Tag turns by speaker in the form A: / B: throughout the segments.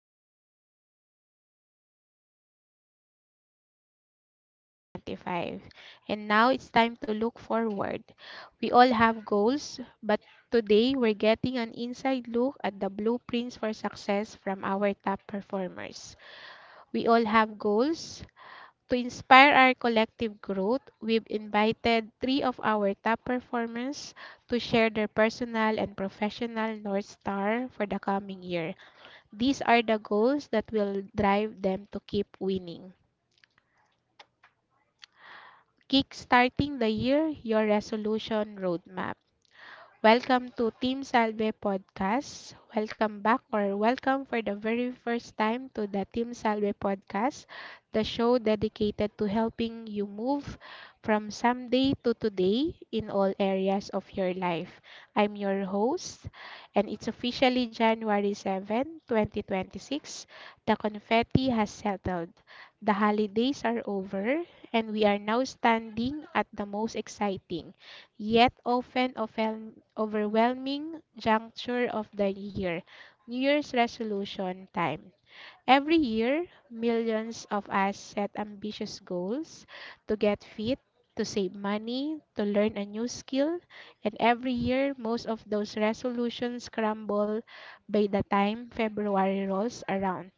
A: afternoon, Team Salve. We've spent the last few weeks reflecting on 2025, and now it's time to look forward. We all have goals, but today we're getting an inside look at the blueprints for success from our top performers. We all have goals. To inspire our collective growth, we've invited three of our top performers to share their personal and professional North Star for the coming year. These are the goals that will drive them to keep winning. Kickstarting the year, your resolution roadmap. Welcome to Team Salve Podcast. Welcome back or welcome for the very first time to the Team Salve Podcast, the show dedicated to helping you move from someday to today in all areas of your life. I'm your host, and it's officially January 7, 2026. The confetti has settled. The holidays are over, and we are now standing at the most exciting yet often overwhelming juncture of the year, New Year's resolution time. Every year, millions of us set ambitious goals to get fit, to save money, to learn a new skill, and every year, most of those resolutions crumble by the time February rolls around.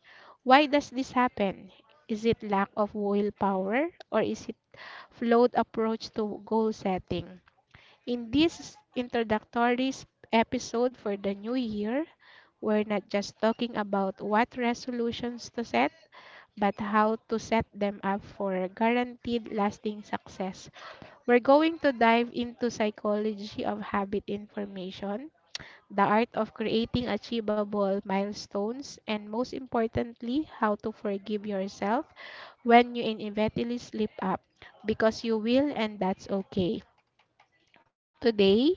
A: Why does this happen? Is it lack of willpower or is it flawed approach to goal setting? In this introductory episode for the new year, we're not just talking about what resolutions to set, but how to set them up for guaranteed lasting success. We're going to dive into psychology of habit information, the art of creating achievable milestones, and most importantly, how to forgive yourself when you inevitably slip up because you will and that's okay. Today,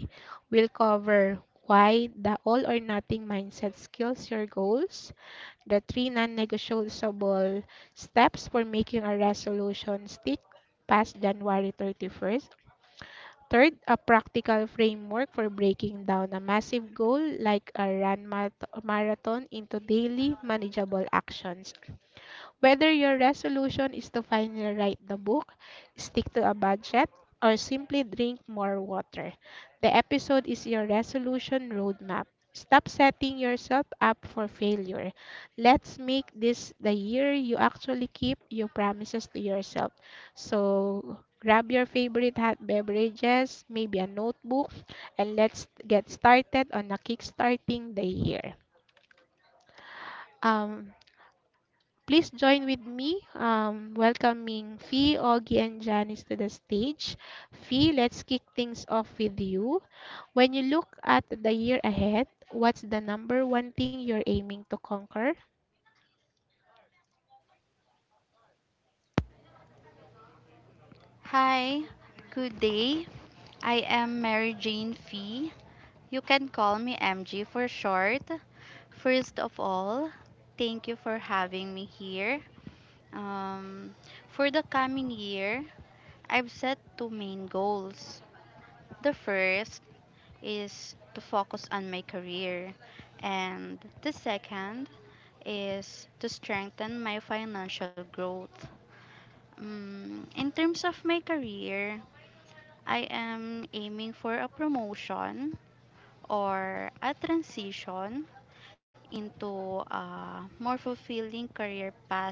A: we'll cover why the all or nothing mindset kills your goals, the three non negotiable steps for making a resolution stick past January 31st. Third, a practical framework for breaking down a massive goal like a marathon into daily manageable actions. Whether your resolution is to finally write the book, stick to a budget, or simply drink more water, the episode is your resolution roadmap. Stop setting yourself up for failure. Let's make this the year you actually keep your promises to yourself. So, grab your favorite hot beverages, maybe a notebook, and let's get started on a kickstarting the year. Um, Please join with me welcoming Fee, Augie, and Janice to the stage. Fee, let's kick things off with you. When you look at the year ahead, what's the number one thing you're aiming to conquer?
B: Hi, good day. I am Mary Jane Fee. You can call me MG for short. First of all, thank you for having me here. Um, for the coming year, I've set 2 main goals. The first is to focus on my career, and the second is to strengthen my financial growth. Mm, in terms of my career, I am aiming for a promotion or a transition into a more fulfilling career path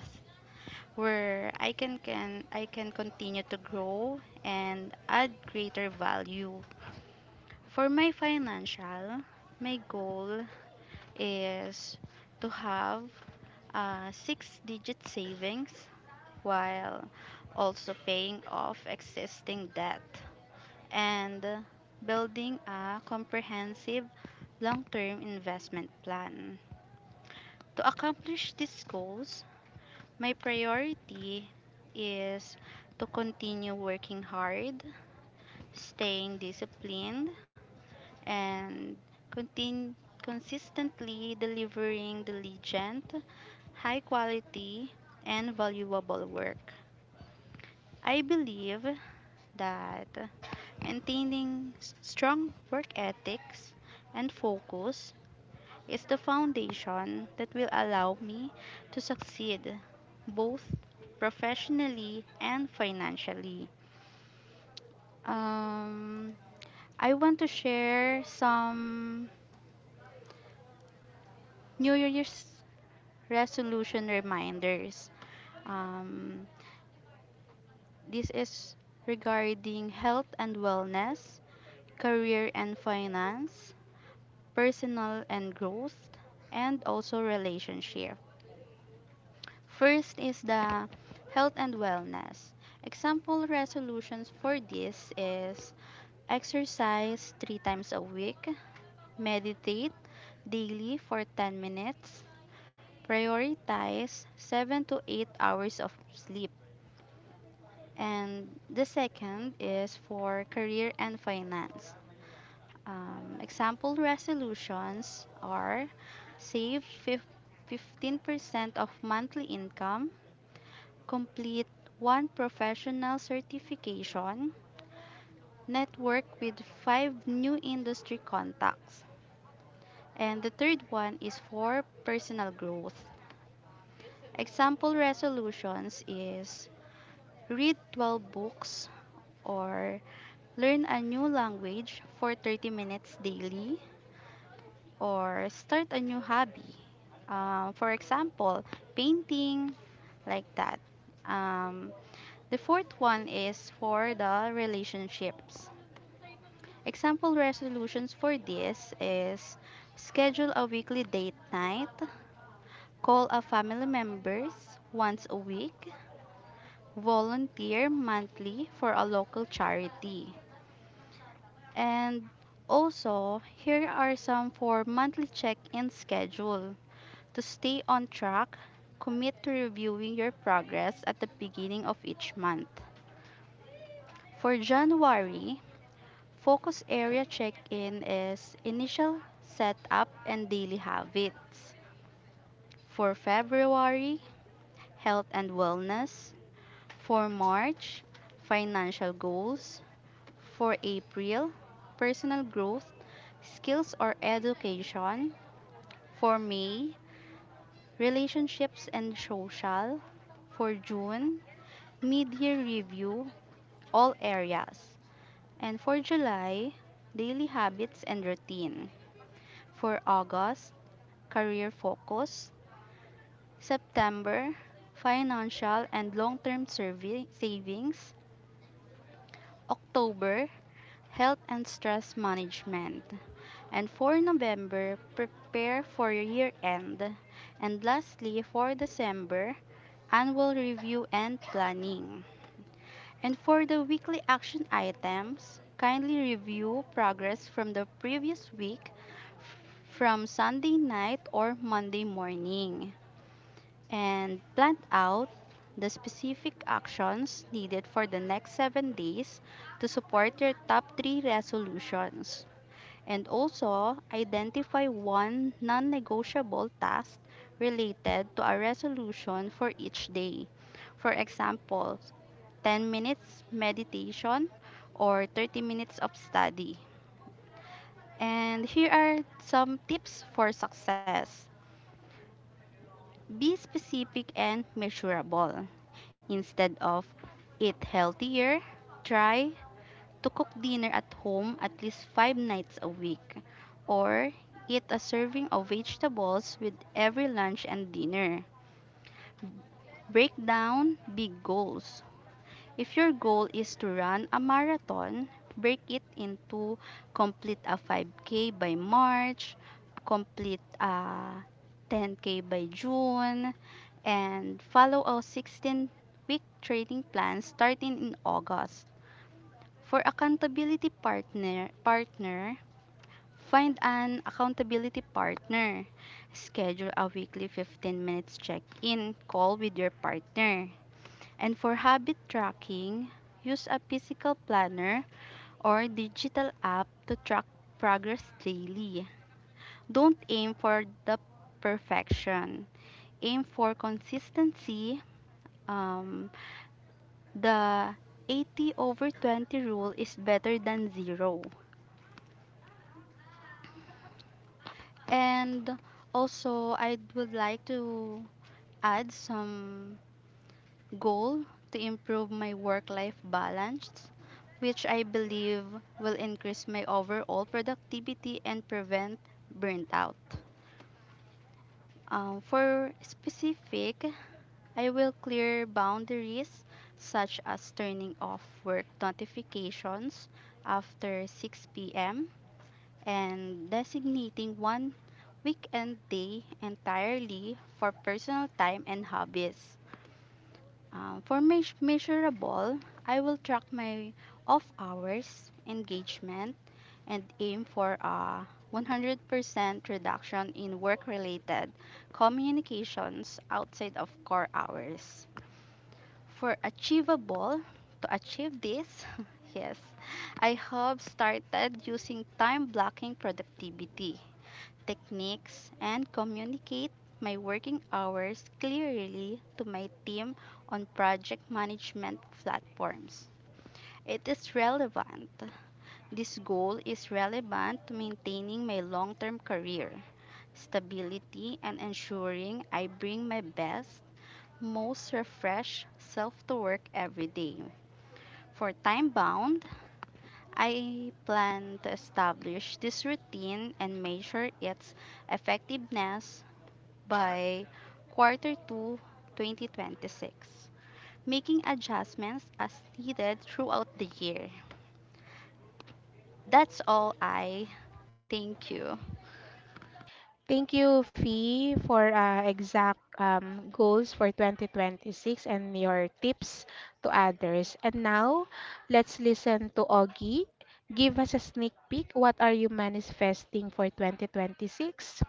B: where I can continue to grow and add greater value. For my financial, my goal is to have a 6 digit savings while also paying off existing debt, and building a comprehensive long term investment plan. To accomplish these goals, my priority is to continue working hard, staying disciplined, and continue consistently delivering diligent, high quality, and valuable work. I believe that maintaining strong work ethics and focus is the foundation that will allow me to succeed both professionally and financially. Um, I want to share some New Year's resolution reminders. Um, this is regarding health and wellness, career and finance, personal and growth, and also relationship. First is the health and wellness. Example resolutions for this is exercise 3 times a week, meditate daily for 10 minutes, prioritize 7 to 8 hours of sleep. And the second is for career and finance. Example resolutions are save fif- 15% of monthly income, complete one professional certification, network with five new industry contacts. And the third one is for personal growth. Example resolutions is read 12 books or learn a new language for 30 minutes daily, or start a new hobby. For example, painting, like that. Um, the fourth one is for the relationships. Example resolutions for this is schedule a weekly date night, call a family members once a week, volunteer monthly for a local charity. And also, here are some for monthly check-in schedule. To stay on track, commit to reviewing your progress at the beginning of each month. For January, focus area check in is initial setup and daily habits. For February, health and wellness. For March, financial goals. For April, personal growth, skills or education. For May, relationships and social. For June, mid year review, all areas. And for July, daily habits and routine. For August, career focus. September, financial and long term survey savings. October, health and stress management. And for November, prepare for year end. And lastly, for December, annual review and planning. And for the weekly action items, kindly review progress from the previous week from Sunday night or Monday morning and plan out the specific actions needed for the next 7 days to support your top three resolutions. And also identify one non negotiable task related to a resolution for each day. For example, 10 minutes meditation, or 30 minutes of study. And here are some tips for success: be specific and measurable. Instead of eat healthier, try to cook dinner at home at least five nights a week, or eat a serving of vegetables with every lunch and dinner. Break down big goals. If your goal is to run a marathon, break it into complete a 5K by March, complete a 10K by June, and follow a 16-week training plan starting in August. For accountability partner, find an accountability partner. Schedule a weekly 15 minutes check-in call with your partner. And for habit tracking, use a physical planner or digital app to track progress daily. Don't aim for the perfection. Aim for consistency. Um, the 80 over 20 rule is better than zero. And also, I would like to add some goal to improve my work life balance, which I believe will increase my overall productivity and prevent burnt out. For specific, I will clear boundaries such as turning off work notifications after 6 p.m. and designating one weekend day entirely for personal time and hobbies. For measurable, I will track my off hours, engagement, and aim for a 100% reduction in work related communications outside of core hours. For achievable, to achieve this, yes, I have started using time blocking productivity techniques and communicate my working hours clearly to my team on project management platforms. It is relevant This goal is relevant to maintaining my long term career, stability, and ensuring I bring my best, most refreshed self to work every day. For time bound, I plan to establish this routine and measure its effectiveness by quarter 2 2026, making adjustments as needed throughout the year. That's all. I thank you.
A: Thank you, Fee, for exact goals for 2026 and your tips to others. And now, let's listen to Augie. Give us a sneak peek. What are you manifesting for 2026?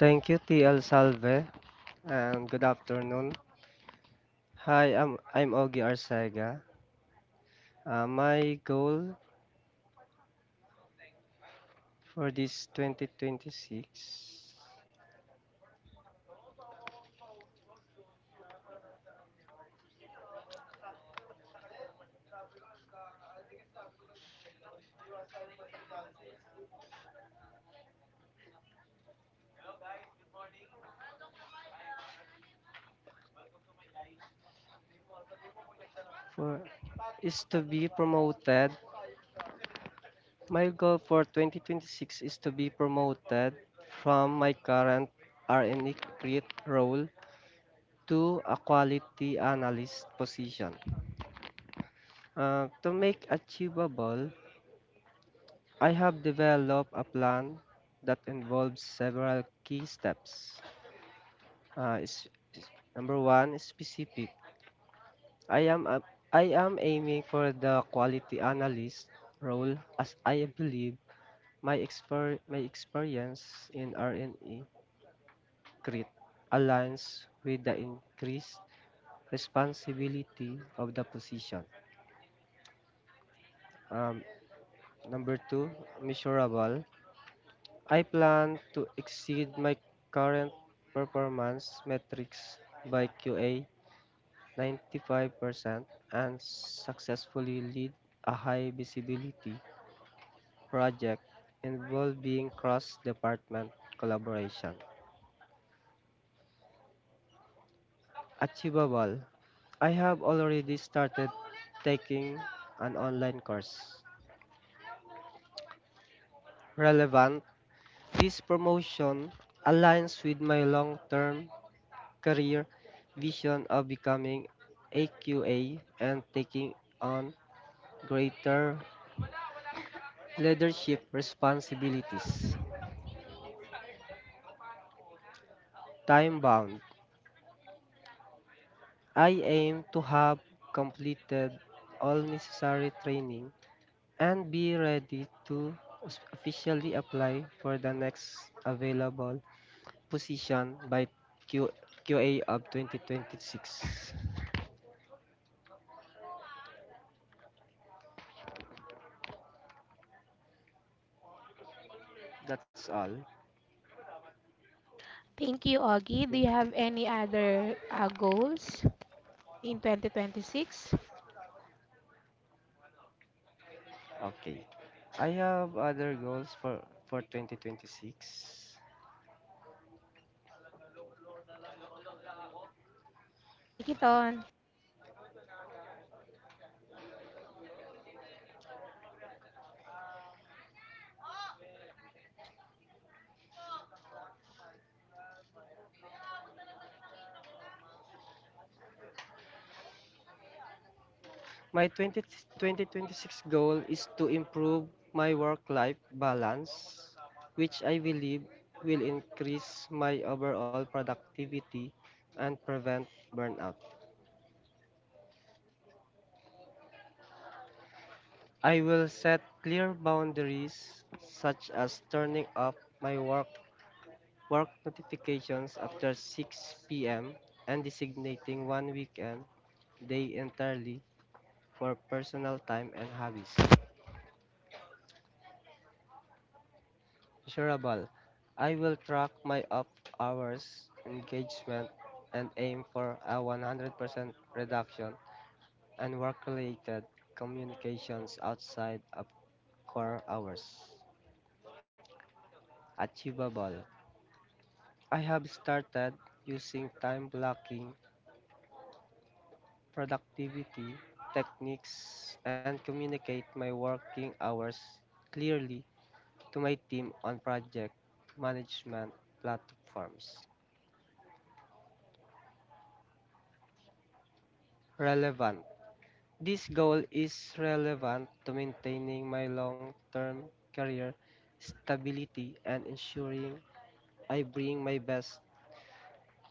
C: Thank you, TL Salve, and good afternoon. Hi, I'm Ogie Arcega. My goal for this 2026 for is to be promoted. My goal for 2026 is to be promoted from my current R&E crit role to a quality analyst position. To make achievable, I have developed a plan that involves several key steps. Number one, specific. I am a, I am aiming for the quality analyst role as I believe my experience in RNE CRIT aligns with the increased responsibility of the position. Um, Number two, measurable. I plan to exceed my current performance metrics by QA 95% and successfully lead a high visibility project involving cross department collaboration. Achievable. I have already started taking an online course. Relevant. This promotion aligns with my long term career vision of becoming AQA and taking on greater leadership responsibilities. Time bound. I aim to have completed all necessary training and be ready to officially apply for the next available position by Q- QA of 2026. That's all.
A: Thank you, Augie. Do you
C: Thank you.
A: have any other goals in 2026?
C: Okay. I have other goals for 2026.
A: Break it on.
C: My 2026 goal is to improve my work-life balance, which I believe will increase my overall productivity and prevent burnout. I will set clear boundaries such as turning off my work notifications after 6 p.m. and designating one weekend day entirely for personal time and hobbies. Measurable. I will track my off hours, engagement, and aim for a 100% reduction in work-related communications outside of core hours. Achievable. I have started using time blocking, productivity techniques, and communicate my working hours clearly to my team on project management platforms. Relevant. This goal is relevant to maintaining my long term career stability and ensuring I bring my best,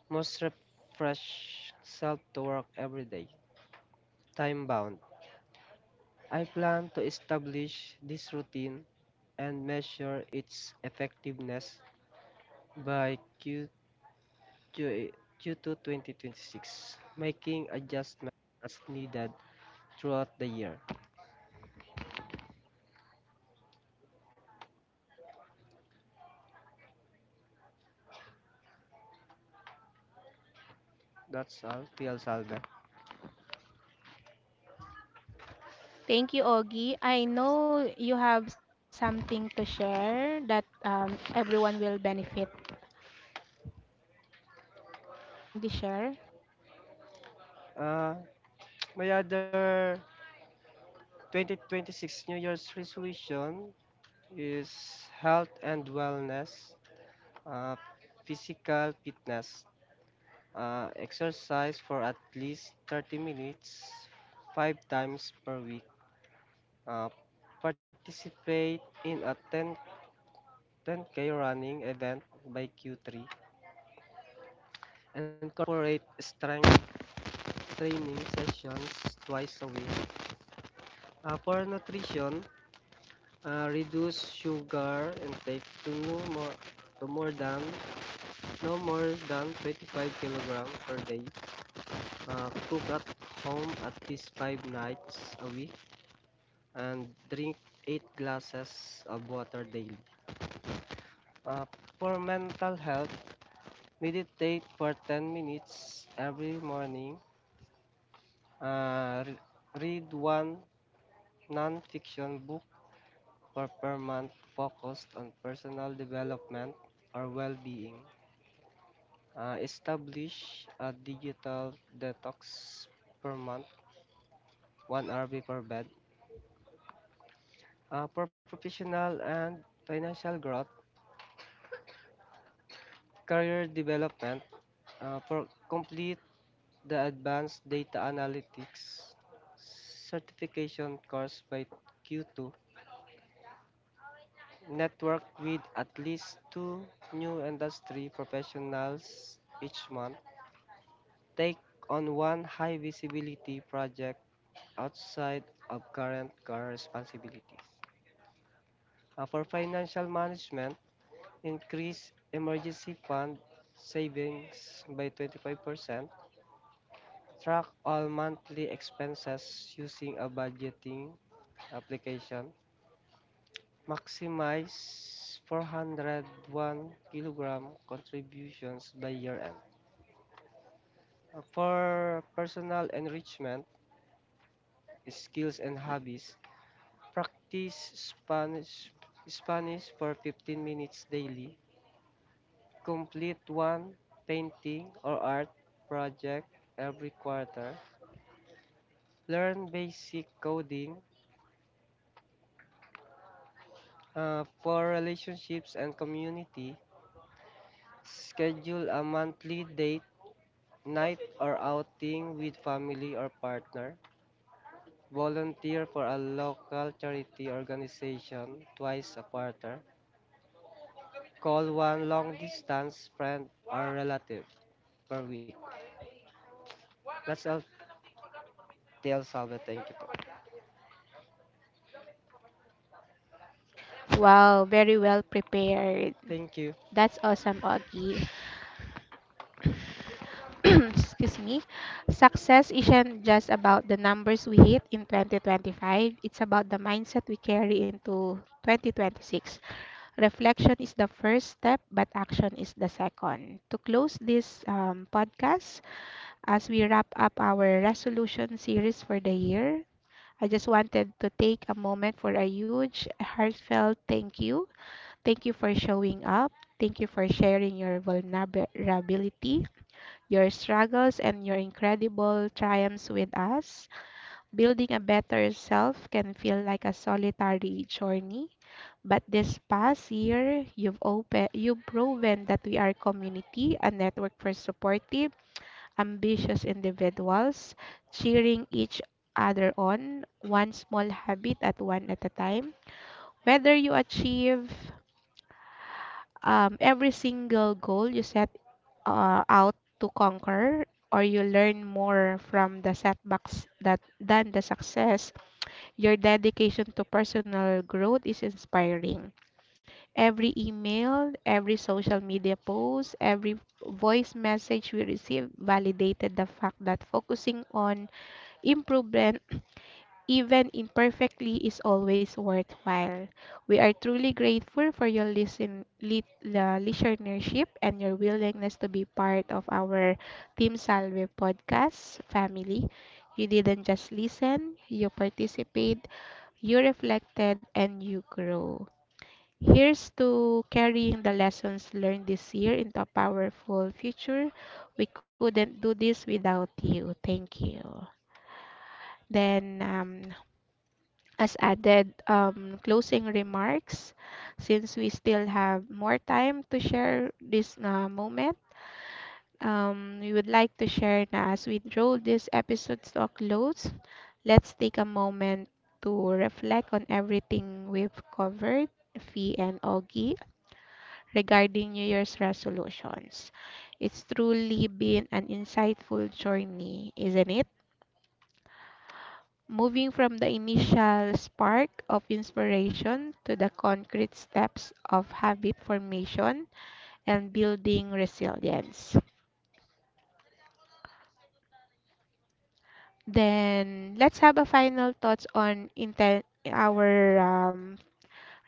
C: most refreshed self to work every day. Time bound. I plan to establish this routine and measure its effectiveness by Q2 2026, making adjustments as needed throughout the year. That's all, PL Salve.
A: Thank you, Augie. I know you have something to share that everyone will benefit. Kindly share.
C: Uh, my other 2026 New Year's resolution is health and wellness, uh, physical fitness, exercise for at least 30 minutes five times per week, uh, participate in a 10K running event by Q3, and incorporate strength training sessions twice a week. For nutrition, reduce sugar intake to no more to more than no more than 25 kilograms per day. Cook at home at least five nights a week and drink eight glasses of water daily. Uh, for mental health, meditate for 10 minutes every morning. Uh, re- Read one non-fiction book for per month focused on personal development or well-being. Establish a digital detox per month 1 hour before bed, for professional and financial growth, career development, for complete the advanced data analytics certification course by Q2, network with at least two new industry professionals each month, take on one high visibility project outside of current core responsibilities. For financial management, increase emergency fund savings by 25%, track all monthly expenses using a budgeting application, maximize 401k contributions by year end. For personal enrichment, skills and hobbies, practice Spanish for 15 minutes daily, complete one painting or art project every quarter, learn basic coding, for relationships and community. Schedule a monthly date, night, or outing with family or partner. Volunteer for a local charity organization twice a quarter. Call one long distance friend or relative per week. That's all, TL Salve. Thank you po.
A: Wow, very well prepared.
C: Thank you.
A: That's awesome, Augie. Excuse me. Success isn't just about the numbers we hit in 2025, it's about the mindset we carry into 2026. Reflection is the first step, but action is the second. To close this podcast, as we wrap up our resolution series for the year, I just wanted to take a moment for a huge, heartfelt thank you. Thank you for showing up. Thank you for sharing your vulnerability, your struggles, and your incredible triumphs with us. Building a better self can feel like a solitary journey but this past year, you've proven that we are a community, a network for supportive, ambitious individuals, cheering each other on, one small habit at one at a time. Whether you achieve every single goal you set out to conquer, or you learn more from the setbacks that than the success, your dedication to personal growth is inspiring. Every email, every social media post, every voice message we received validated the fact that focusing on improvement, even imperfectly, is always worthwhile. We are truly grateful for your listenership and your willingness to be part of our Team Salve podcast family. You didn't just listen, you participate, you reflected, and you grow. Here's to carrying the lessons learned this year into a powerful future. We couldn't do this without you. Thank you. Then, as added closing remarks, since we still have more time to share this moment, we would like to share na as we draw this episode to a close, let's take a moment to reflect on everything we've covered, Fee and Augie. Regarding New Year's resolutions. It's truly been an insightful journey, isn't it? Moving from the initial spark of inspiration to the concrete steps of habit formation and building resilience. Then let's have a final thoughts on our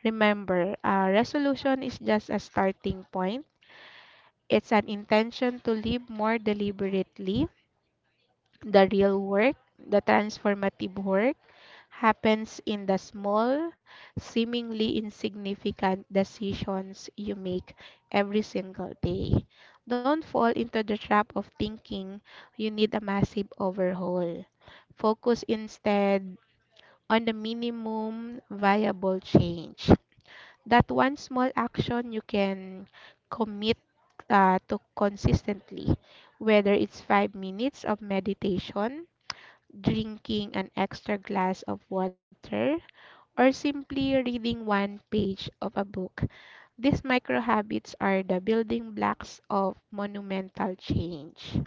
A: remember resolution is just a starting point. It's an intention to live more deliberately. The real work, the transformative work, happens in the small, seemingly insignificant decisions you make every single day. Don't fall into the trap of thinking you need a massive overhaul. Focus instead on the minimum viable change. That one small action you can commit to consistently, whether it's 5 minutes of meditation drinking an extra glass of water, or simply reading one page of a book. These micro habits are the building blocks of monumental change.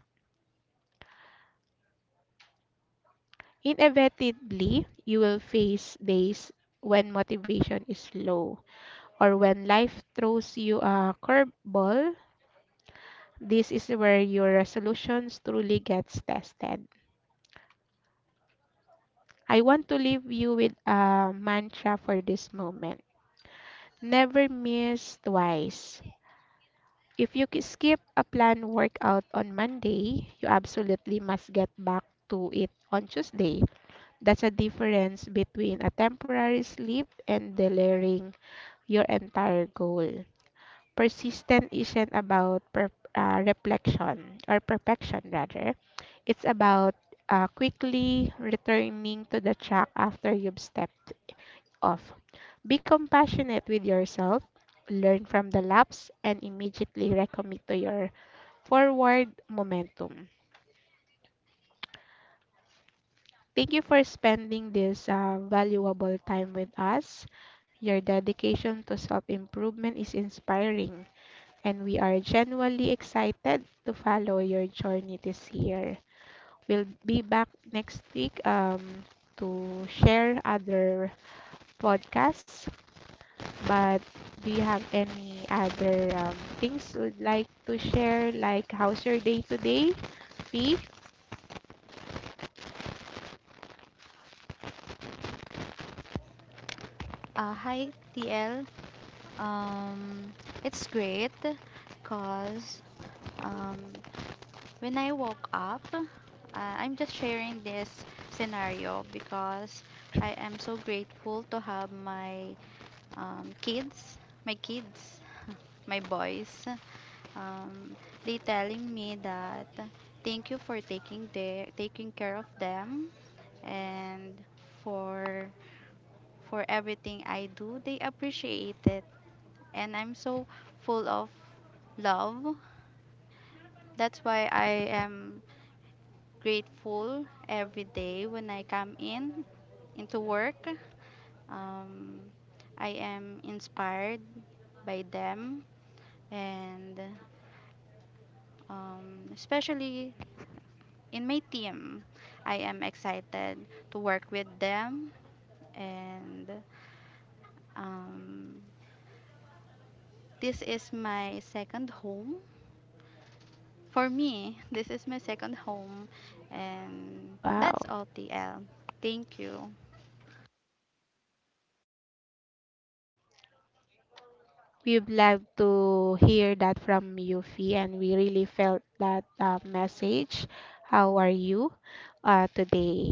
A: Inevitably, you will face days when motivation is low or when life throws you a curveball. This is where your resolutions truly gets tested. I want to leave you with a mantra for this moment. Never miss twice. If you skip a planned workout on Monday, you absolutely must get back to it on Tuesday. That's a difference between a temporary slip and delaying your entire goal. Persistent isn't about reflection or perfection, rather. It's about quickly returning to the track after you've stepped off. Be compassionate with yourself, learn from the laps, and immediately recommit to your forward momentum. Thank you for spending this valuable time with us. Your dedication to self improvement is inspiring, and we are genuinely excited to follow your journey this year. We'll be back next week to share other podcasts. But do you have any other things you'd like to share? Like, how's your day today, Fee?
B: Hi TL. Um, it's great because um, when I woke up, I'm just sharing this scenario because I am so grateful to have my um, kids, my kids, my boys. Um, they telling me that thank you for taking care of them and for for everything I do. They appreciate it and I'm so full of love. That's why I am grateful every day when I come in into work. Um, I am inspired by them and especially in my team. I am excited to work with them and um, this is my second home For me, this is my second home, and that's
A: Wow.
B: all, TL. Thank you.
A: We'd love to hear that from you, Fee, and we really felt that message. How are you today?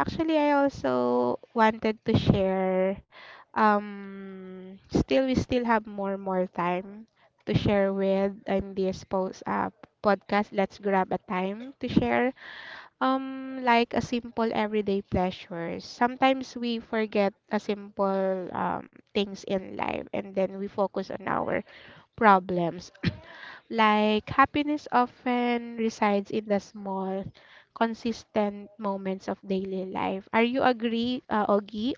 A: Actually, I also wanted to share. Still, we still have more time to share with in this post podcast. Let's grab a time to share. Like a simple everyday pleasures. Sometimes we forget a simple things in life, and then we focus on our problems. Like happiness often resides in the small, consistent moments of daily life. Are you agree, Ogie?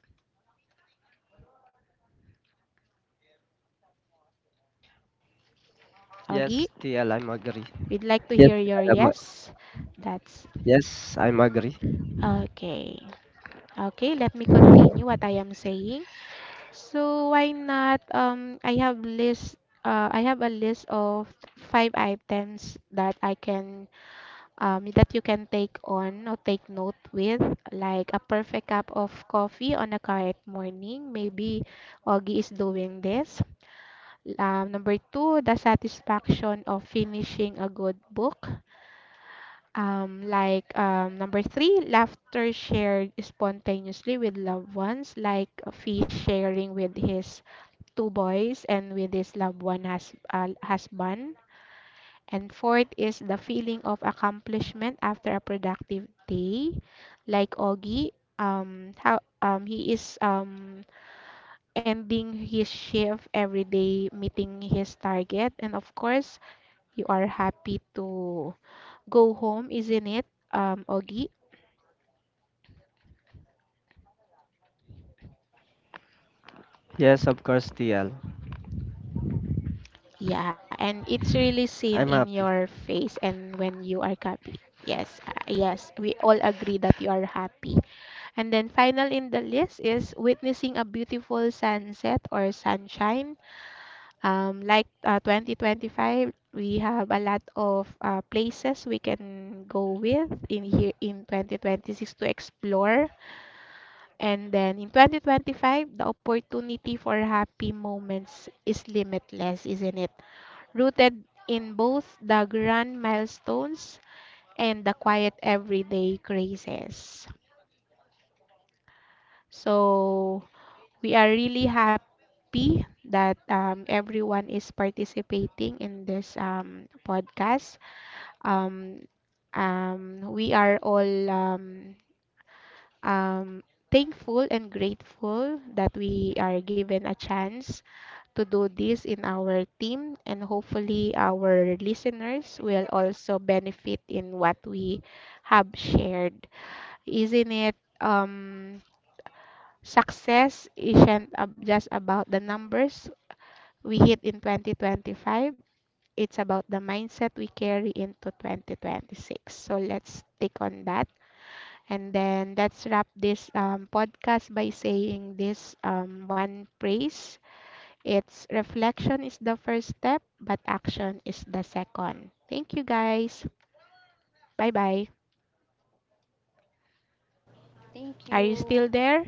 A: Ogie,
C: Yes, TL, I'm agree.
A: we'd like to hear
C: Yes,
A: your
C: TL, I'm,
A: yes. That's
C: yes, I'm agree.
A: okay. Okay, let me continue what I am saying. So why not? I have list. I have a list of five items that I can that you can take on or take note with, like a perfect cup of coffee on a quiet morning. Maybe Augie is doing this. Number two, the satisfaction of finishing a good book. Number three, laughter shared spontaneously with loved ones, like Fish sharing with his two boys and with his loved one husband. And fourth is the feeling of accomplishment after a productive day. Like Augie, how he is ending his shift every day, meeting his target. And of course, you are happy to go home, isn't it, Augie?
C: Yes, of course, TL.
A: Yeah, and it's really seen in
C: I'm
A: your
C: happy.
A: face and when you are happy. Yes, yes, we all agree that you are happy. And then final in the list is witnessing a beautiful sunset or sunshine. 2025, we have a lot of places we can go with in here in 2026 to explore. And then in 2025, the opportunity for happy moments is limitless, isn't it? Rooted in both the grand milestones and the quiet everyday graces. So we are really happy that everyone is participating in this podcast. Um, we are all um, thankful and grateful that we are given a chance to do this in our team, and hopefully, our listeners will also benefit in what we have shared. Isn't it? Success isn't just about the numbers we hit in 2025, it's about the mindset we carry into 2026. So let's take on that. And then let's wrap this podcast by saying this one phrase: It's reflection is the first step, but action is the second. Thank you guys. Bye bye.
B: Thank
A: Are you
B: you.
A: still there?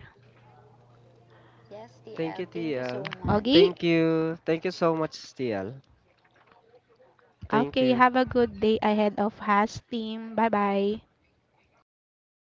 B: Yes,
C: Thank
B: TL.
C: you,
B: Thank you
C: TL.
B: so much.
A: Ogie?
C: Thank you. Thank you so much, TL. Thank
A: Okay,
C: you.
A: have a good day ahead of Has team. Bye bye.
C: Bye